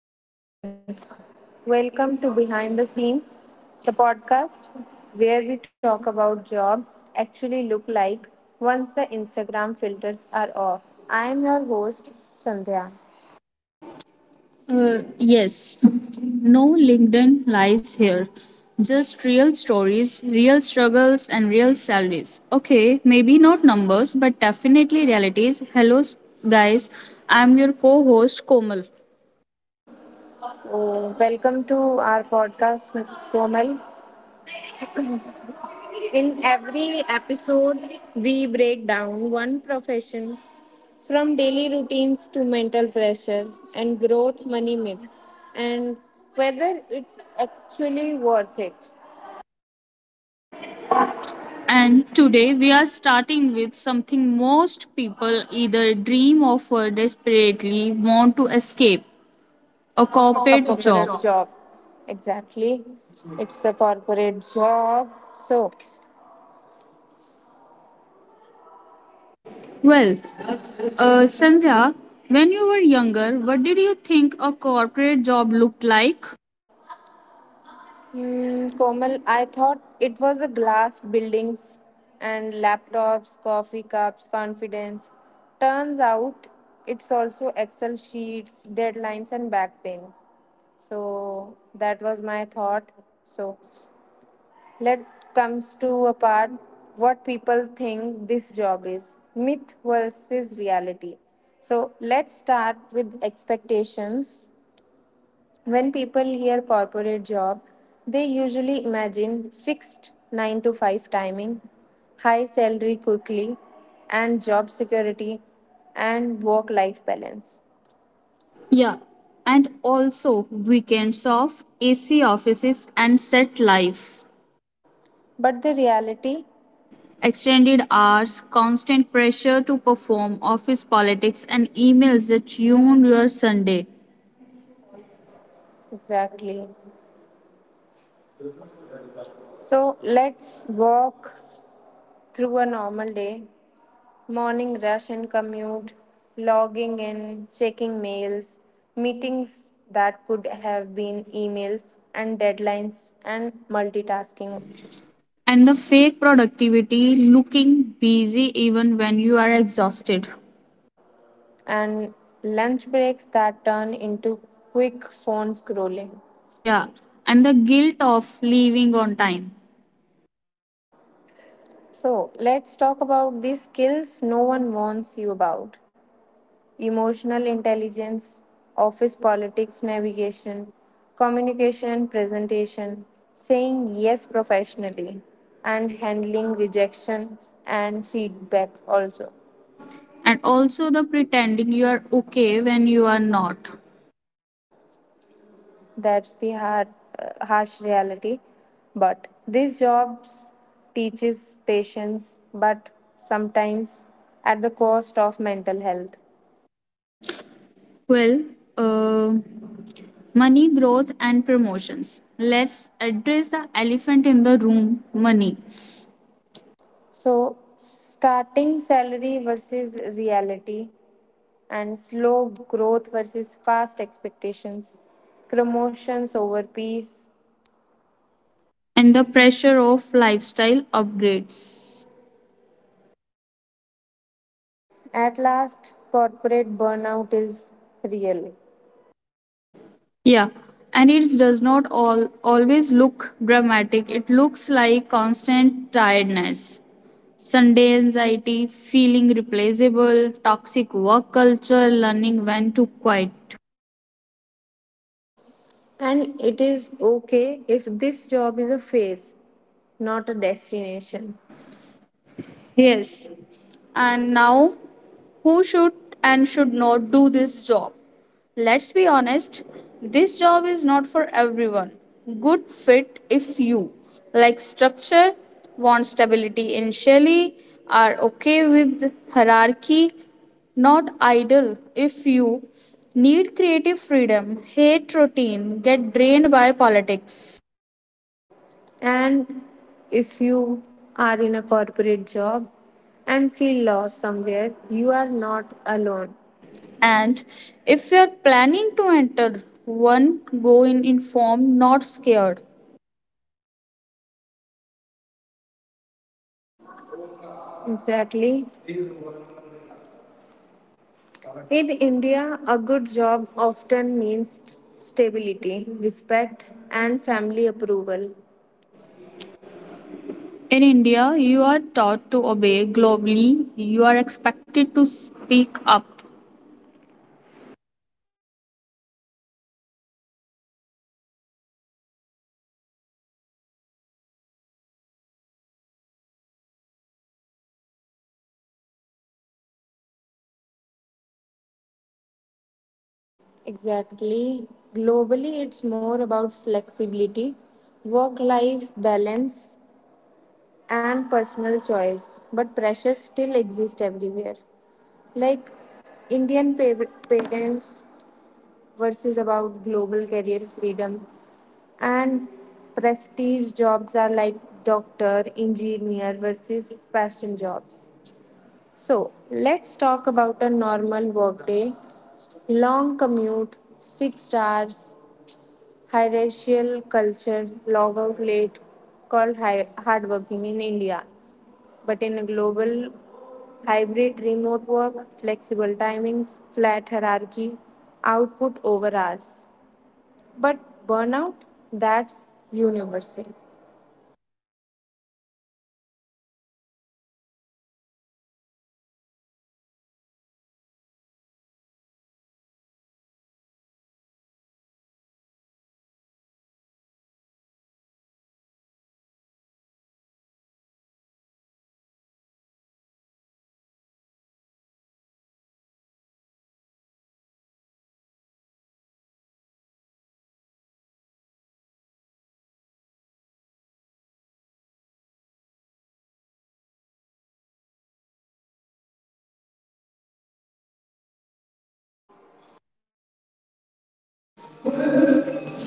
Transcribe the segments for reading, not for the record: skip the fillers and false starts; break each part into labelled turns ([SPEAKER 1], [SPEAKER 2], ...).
[SPEAKER 1] Hello, everyone. Welcome to Behind the Scenes, the podcast where we talk about jobs actually look like once the Instagram filters are off. I am your host, Sandhya.
[SPEAKER 2] Uh, yes, no LinkedIn lies here. Just real stories, real struggles, and real salaries. Okay, maybe not numbers, but definitely realities. Hello, guys. I'm your co host, Komal.
[SPEAKER 1] So, welcome to our podcast, Komal. In every episode, we break down one profession from daily routines to mental pressure and growth money myths and whether it's actually worth it.
[SPEAKER 2] And today we are starting with something most people either dream of or desperately want to escape a
[SPEAKER 1] A a corporate
[SPEAKER 2] corporate
[SPEAKER 1] corporate job.
[SPEAKER 2] job.
[SPEAKER 1] job. Exactly. It's a corporate job. So,
[SPEAKER 2] Well, Sandhya, when you were younger, what did you think a corporate job looked like?
[SPEAKER 1] Komal, I thought it was a glass buildings and laptops, coffee cups, confidence. Turns out it's also Excel sheets, deadlines, and back pain. So, that was my thought. So, let comes to a part what people think this job is, myth versus reality. So let's start with expectations. When people hear corporate job, they usually imagine fixed 9 to 5 timing, high salary quickly, and job security and work life balance,
[SPEAKER 2] Yeah, and also weekends off, AC offices, and set life.
[SPEAKER 1] but the reality.
[SPEAKER 2] Extended hours, constant pressure to perform, office politics, and emails that tune your Sunday.
[SPEAKER 1] Exactly. So let's walk through a normal day: morning rush and commute, logging in, checking mails, meetings that could have been emails, and deadlines and
[SPEAKER 2] Asking.
[SPEAKER 1] multitasking,
[SPEAKER 2] And the fake productivity, looking busy even when you are exhausted.
[SPEAKER 1] and lunch breaks that turn into quick phone scrolling.
[SPEAKER 2] Yeah, and the guilt of leaving on time.
[SPEAKER 1] So, let's talk about these skills no one warns you about: emotional intelligence, office politics navigation, communication and presentation, saying yes professionally, and handling rejection and feedback also.
[SPEAKER 2] And also the pretending you are okay when you are not.
[SPEAKER 1] That's the hard, harsh reality. But these jobs teaches patience, but sometimes at the cost of mental health.
[SPEAKER 2] Well, uh, Money growth and promotions. Let's address the elephant in the room money
[SPEAKER 1] So starting salary versus reality, and slow growth versus fast expectations, promotions over peace.
[SPEAKER 2] and the pressure of lifestyle upgrades.
[SPEAKER 1] At last, corporate burnout is real.
[SPEAKER 2] Yeah, and it does not always look dramatic, it looks like constant tiredness. Sunday anxiety, feeling replaceable, toxic work culture, learning when to quit.
[SPEAKER 1] And it is okay if this job is a phase, not a destination.
[SPEAKER 2] Yes. And now, who should and should not do this job? Let's be honest, this job is not for everyone. Good fit if you like structure, want stability initially, are okay with hierarchy, not idle if you need creative freedom, hate routine, get drained by politics.
[SPEAKER 1] And if you are in a corporate job and feel lost somewhere, you are not alone.
[SPEAKER 2] And if you're planning to enter, one go in informed, not scared.
[SPEAKER 1] Exactly. In India, a good job often means stability, respect, and family approval.
[SPEAKER 2] In India, you are taught to obey. Globally, you are expected to speak up.
[SPEAKER 1] Exactly. Globally, it's more about flexibility, work life balance, and personal choice. But pressure still exists everywhere. Like Indian parents versus about global career freedom, and prestige jobs are like doctor, engineer versus passion jobs. So let's talk about a normal workday: long commute, fixed hours, hierarchical culture, log out late, called hard working in India, but in a global hybrid remote work, flexible timings, flat hierarchy, output over hours. But burnout, that's universal.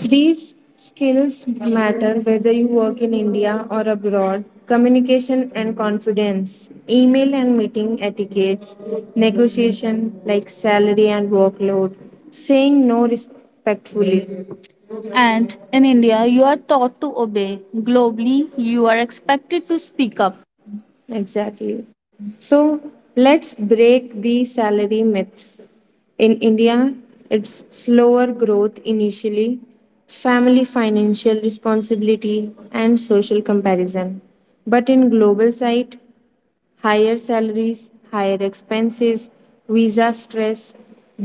[SPEAKER 2] These skills matter whether you work in India or abroad. Communication and confidence, email and meeting etiquettes, negotiation like salary and workload, saying no respectfully. And in India, you are taught to obey. Globally, you are expected to speak up. Exactly. So let's break the salary myth. In India, it's slower growth initially, family financial responsibility, and social comparison. But in global site, higher salaries, higher expenses, visa stress,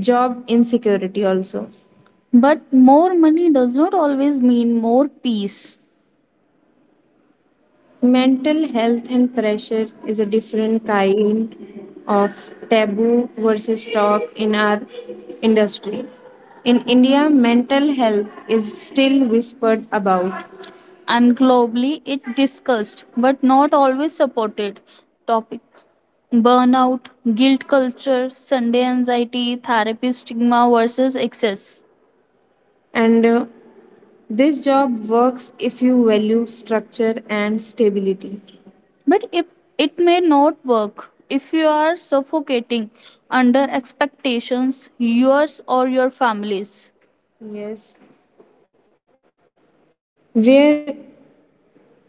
[SPEAKER 2] job insecurity also. But more money does not always mean more peace. Mental health and pressure is a different kind of taboo versus talk in our industry. In India, mental health is still whispered about. And globally, it discussed but not always supported topic. Burnout, guilt culture, Sunday anxiety, therapy stigma versus excess. And This job works if you value structure and stability. But if it may not work, if you are suffocating under expectations, yours or your family's. Yes. Where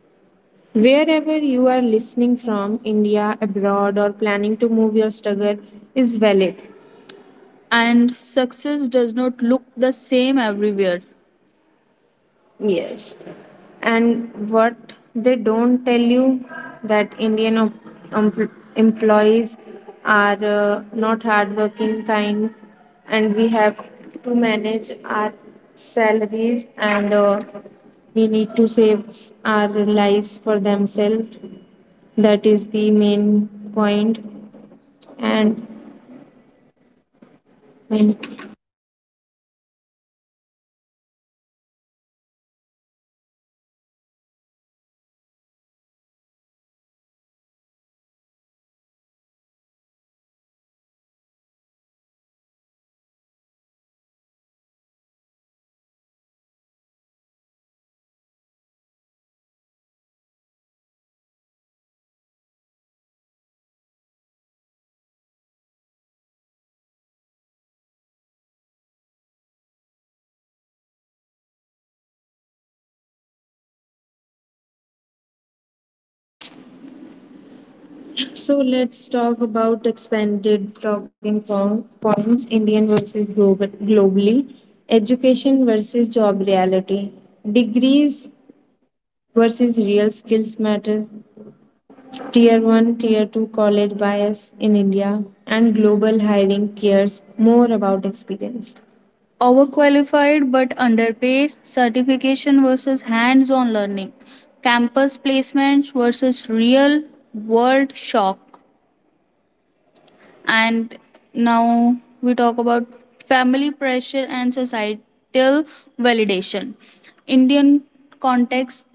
[SPEAKER 2] Wherever you are listening from, India, abroad or planning to move your struggle is valid. And success does not look the same everywhere. Yes. And what they don't tell you that Indian employees are not hardworking, kind, and we have to manage our salaries and we need to save our lives for themselves. That is the main point. And when So let's talk about expanded talking points Indian versus global, globally, education versus job reality, degrees versus real skills matter, tier 1, tier 2 college bias in India, and global hiring cares more about experience. Overqualified but underpaid, certification versus hands on learning, campus placements versus real world shock. And now we talk about family pressure and societal validation. Indian context,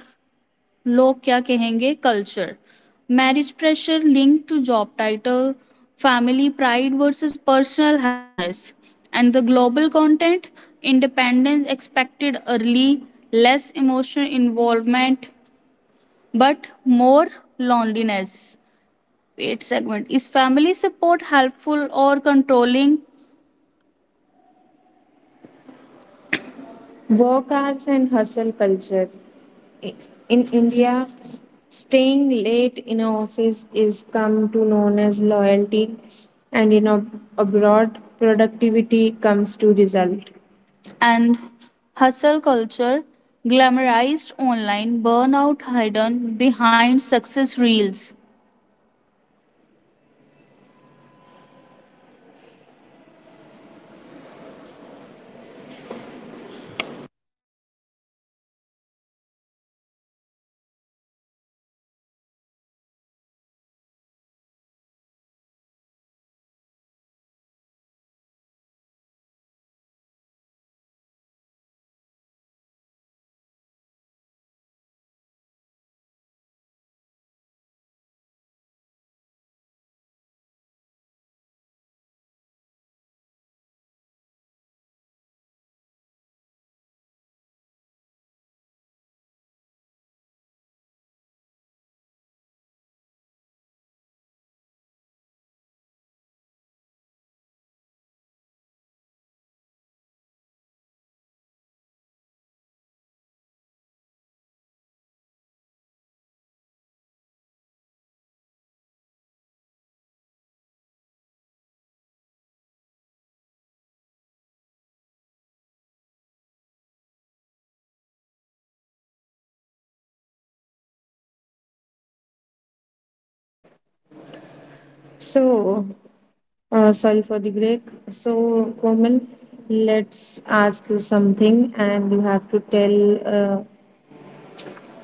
[SPEAKER 2] लोग क्या कहेंगे culture. Marriage pressure linked to job title, family pride versus personal happiness. And the global content, independence expected early, less emotional involvement, but more loneliness. Eight segment. Is family support helpful or controlling? Work hours and hustle culture. I- In India, staying late in an office is come to known as loyalty, and in abroad, productivity comes to result. And hustle culture glamorized online burnout hidden behind success reels. So, sorry for the break. So, Komal, let's ask you something, and you have to tell uh,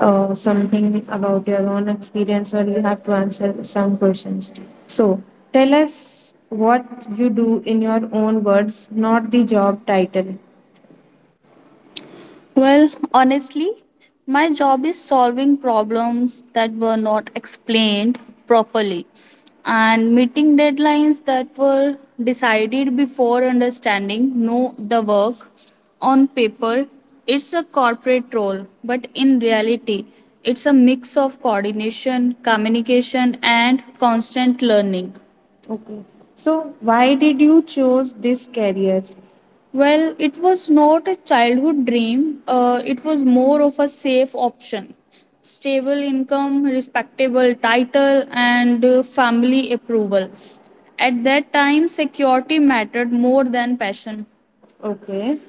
[SPEAKER 2] something about your own experience or you have to answer some questions. So, tell us what you do in your own words, not the job title. Well, honestly, my job is solving problems that were not explained properly and meeting deadlines that were decided before understanding no the work on paper, it's a corporate role but in reality it's a mix of coordination communication and constant learning. Okay. So why did you choose this career? Well, it was not a childhood dream, it was more of a safe option. Stable income, respectable title, and family approval. At that time, security mattered more than passion. Okay.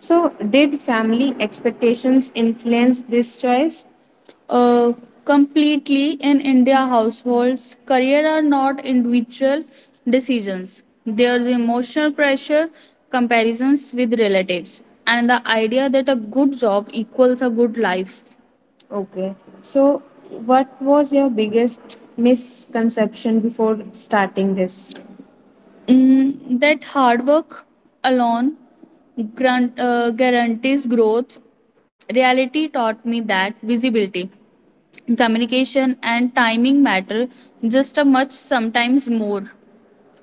[SPEAKER 2] So, did family expectations influence this choice? uh, completely in India households. Career are not individual decisions. There's emotional pressure, comparisons with relatives, and the idea that a good job equals a good life. Okay. So, what was your biggest misconception before starting this? Mm, that hard work alone guarantees growth. Reality taught me that visibility, communication and timing matter just a much sometimes more.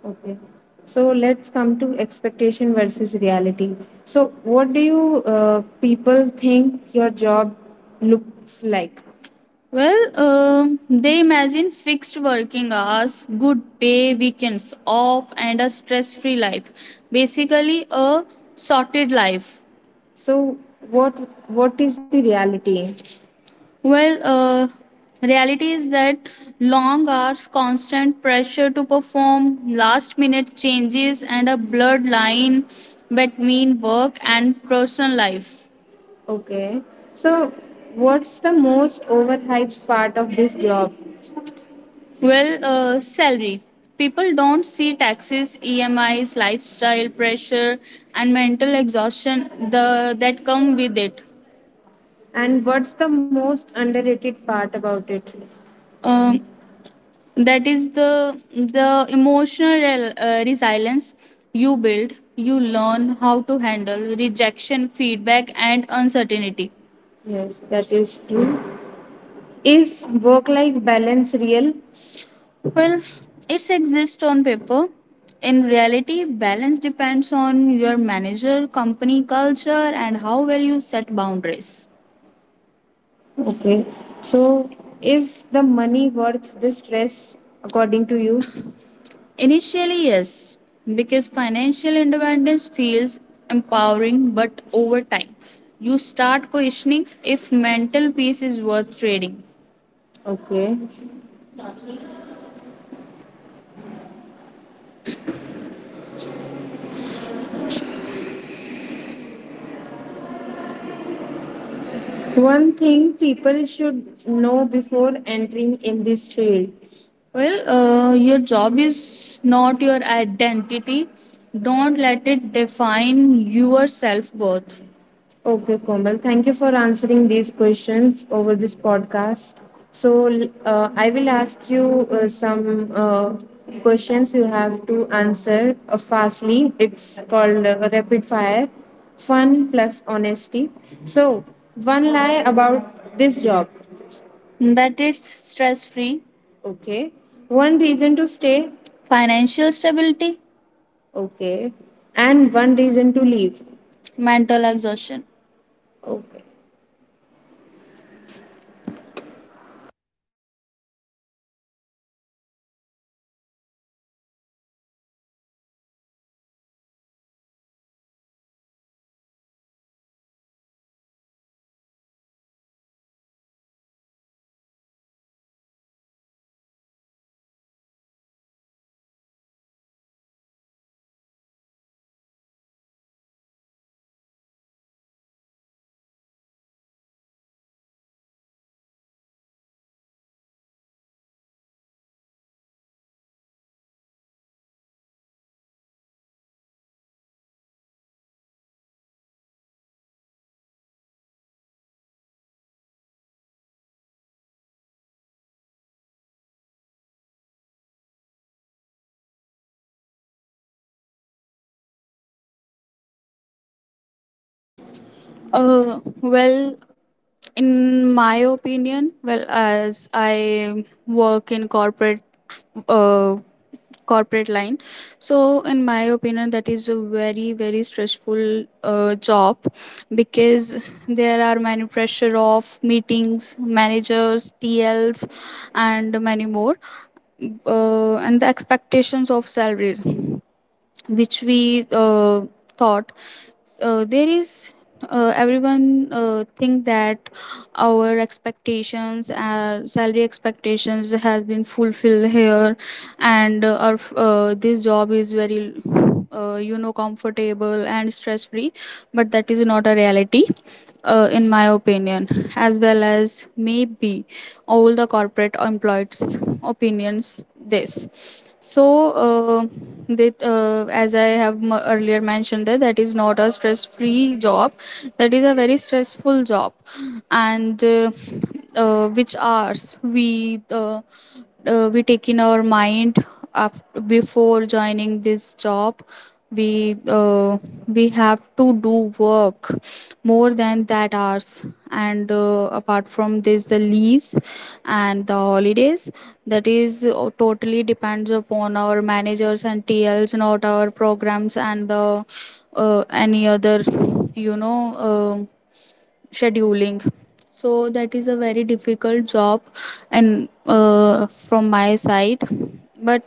[SPEAKER 2] Okay. So let's come to expectation versus reality. So, what do you people think your job looks like? Well, um, they imagine fixed working hours, good pay, weekends off and a stress free life, basically a sorted life. So, what what is the reality? Well, uh, reality is that long hours, constant pressure to perform, last minute changes, and a blurred line between work and personal life. Okay. So, what's the most overhyped part of this job? Salary. People don't see taxes, EMIs, lifestyle pressure, and mental exhaustion that come with it. And what's the most underrated part about it? Um, that is the emotional resilience you build. You learn how to handle rejection, feedback, and uncertainty. Yes, that is true. Is work life balance real? Well, it exists on paper. In reality, balance depends on your manager, company culture, and how well you set boundaries. Okay. So, is the money worth the stress according to you? Initially, yes, because financial independence feels empowering, but over time, you start questioning if mental peace is worth trading. Okay. One thing people should know before entering in this field. Well, your job is not your identity. Don't let it define your self worth. Okay, Komal. Thank you for answering these questions over this podcast. So, I will ask you some questions you have to answer fastly. It's called rapid fire fun plus honesty. So, one lie about this job. That it's stress free. Okay. One reason to stay. Financial stability. Okay. And one reason to leave. Mental exhaustion. Okay. Uh, well, in my opinion, well, as I work in corporate, uh, corporate line, so in my opinion, that is a very very stressful job because there are many pressure of meetings, managers, T Ls, and many more, and the expectations of salaries which we thought there is everyone think that our expectations salary expectations has been fulfilled here and our this job is very comfortable and stress free but that is not a reality in my opinion as well as maybe all the corporate employees opinions this. So, uh, that as I have earlier mentioned that is not a stress free job, that is a very stressful job. And which hours we take in our mind before joining this job, we uh, we have to do work more than that hours. And apart from this the leaves and the holidays, that is totally depends upon our managers and T Ls, not our programs and the any other you know uh, scheduling. So that is a very difficult job. And from my side, but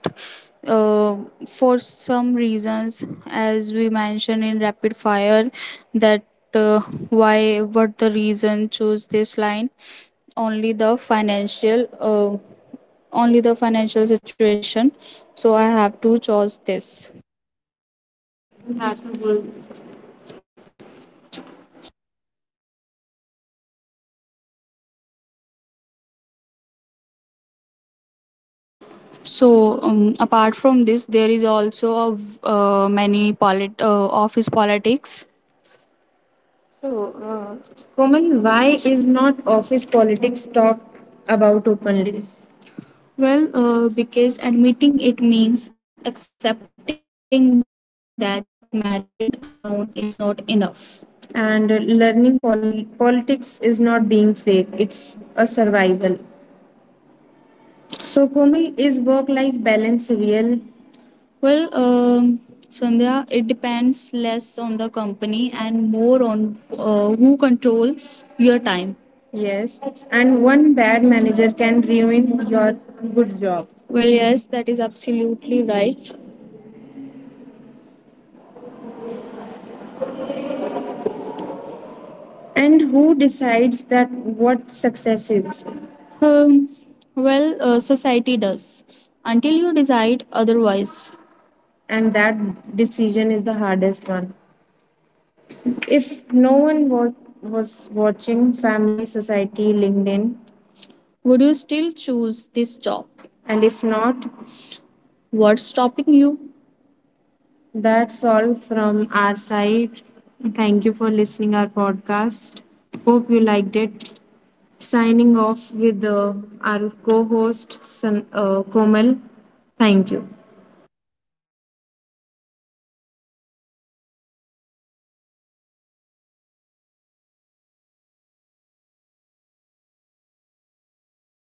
[SPEAKER 2] uh, for some reasons as we mentioned in rapid fire that uh, why what the reason choose this line, only the financial uh, only the financial situation, so I have to choose this. So apart from this, there is also of uh, many office politics. So, Komal, why is not office politics talked about openly? Well, because admitting it means accepting that merit alone is not enough. And learning politics is not being fake, it's a survival. So, Komal, is work life balance real? Well, Sandhya, it depends less on the company and more on who control your time. Yes, and one bad manager can ruin your good job. Well, yes, that is absolutely right. And who decides that what success is? Um, society does until you decide otherwise. And that decision is the hardest one. If no one was watching Family Society LinkedIn, would you still choose this job? And if not, what's stopping you? That's all from our side. Thank you for listening our podcast. Hope you liked it. Signing off with our co-host Komal. Thank you.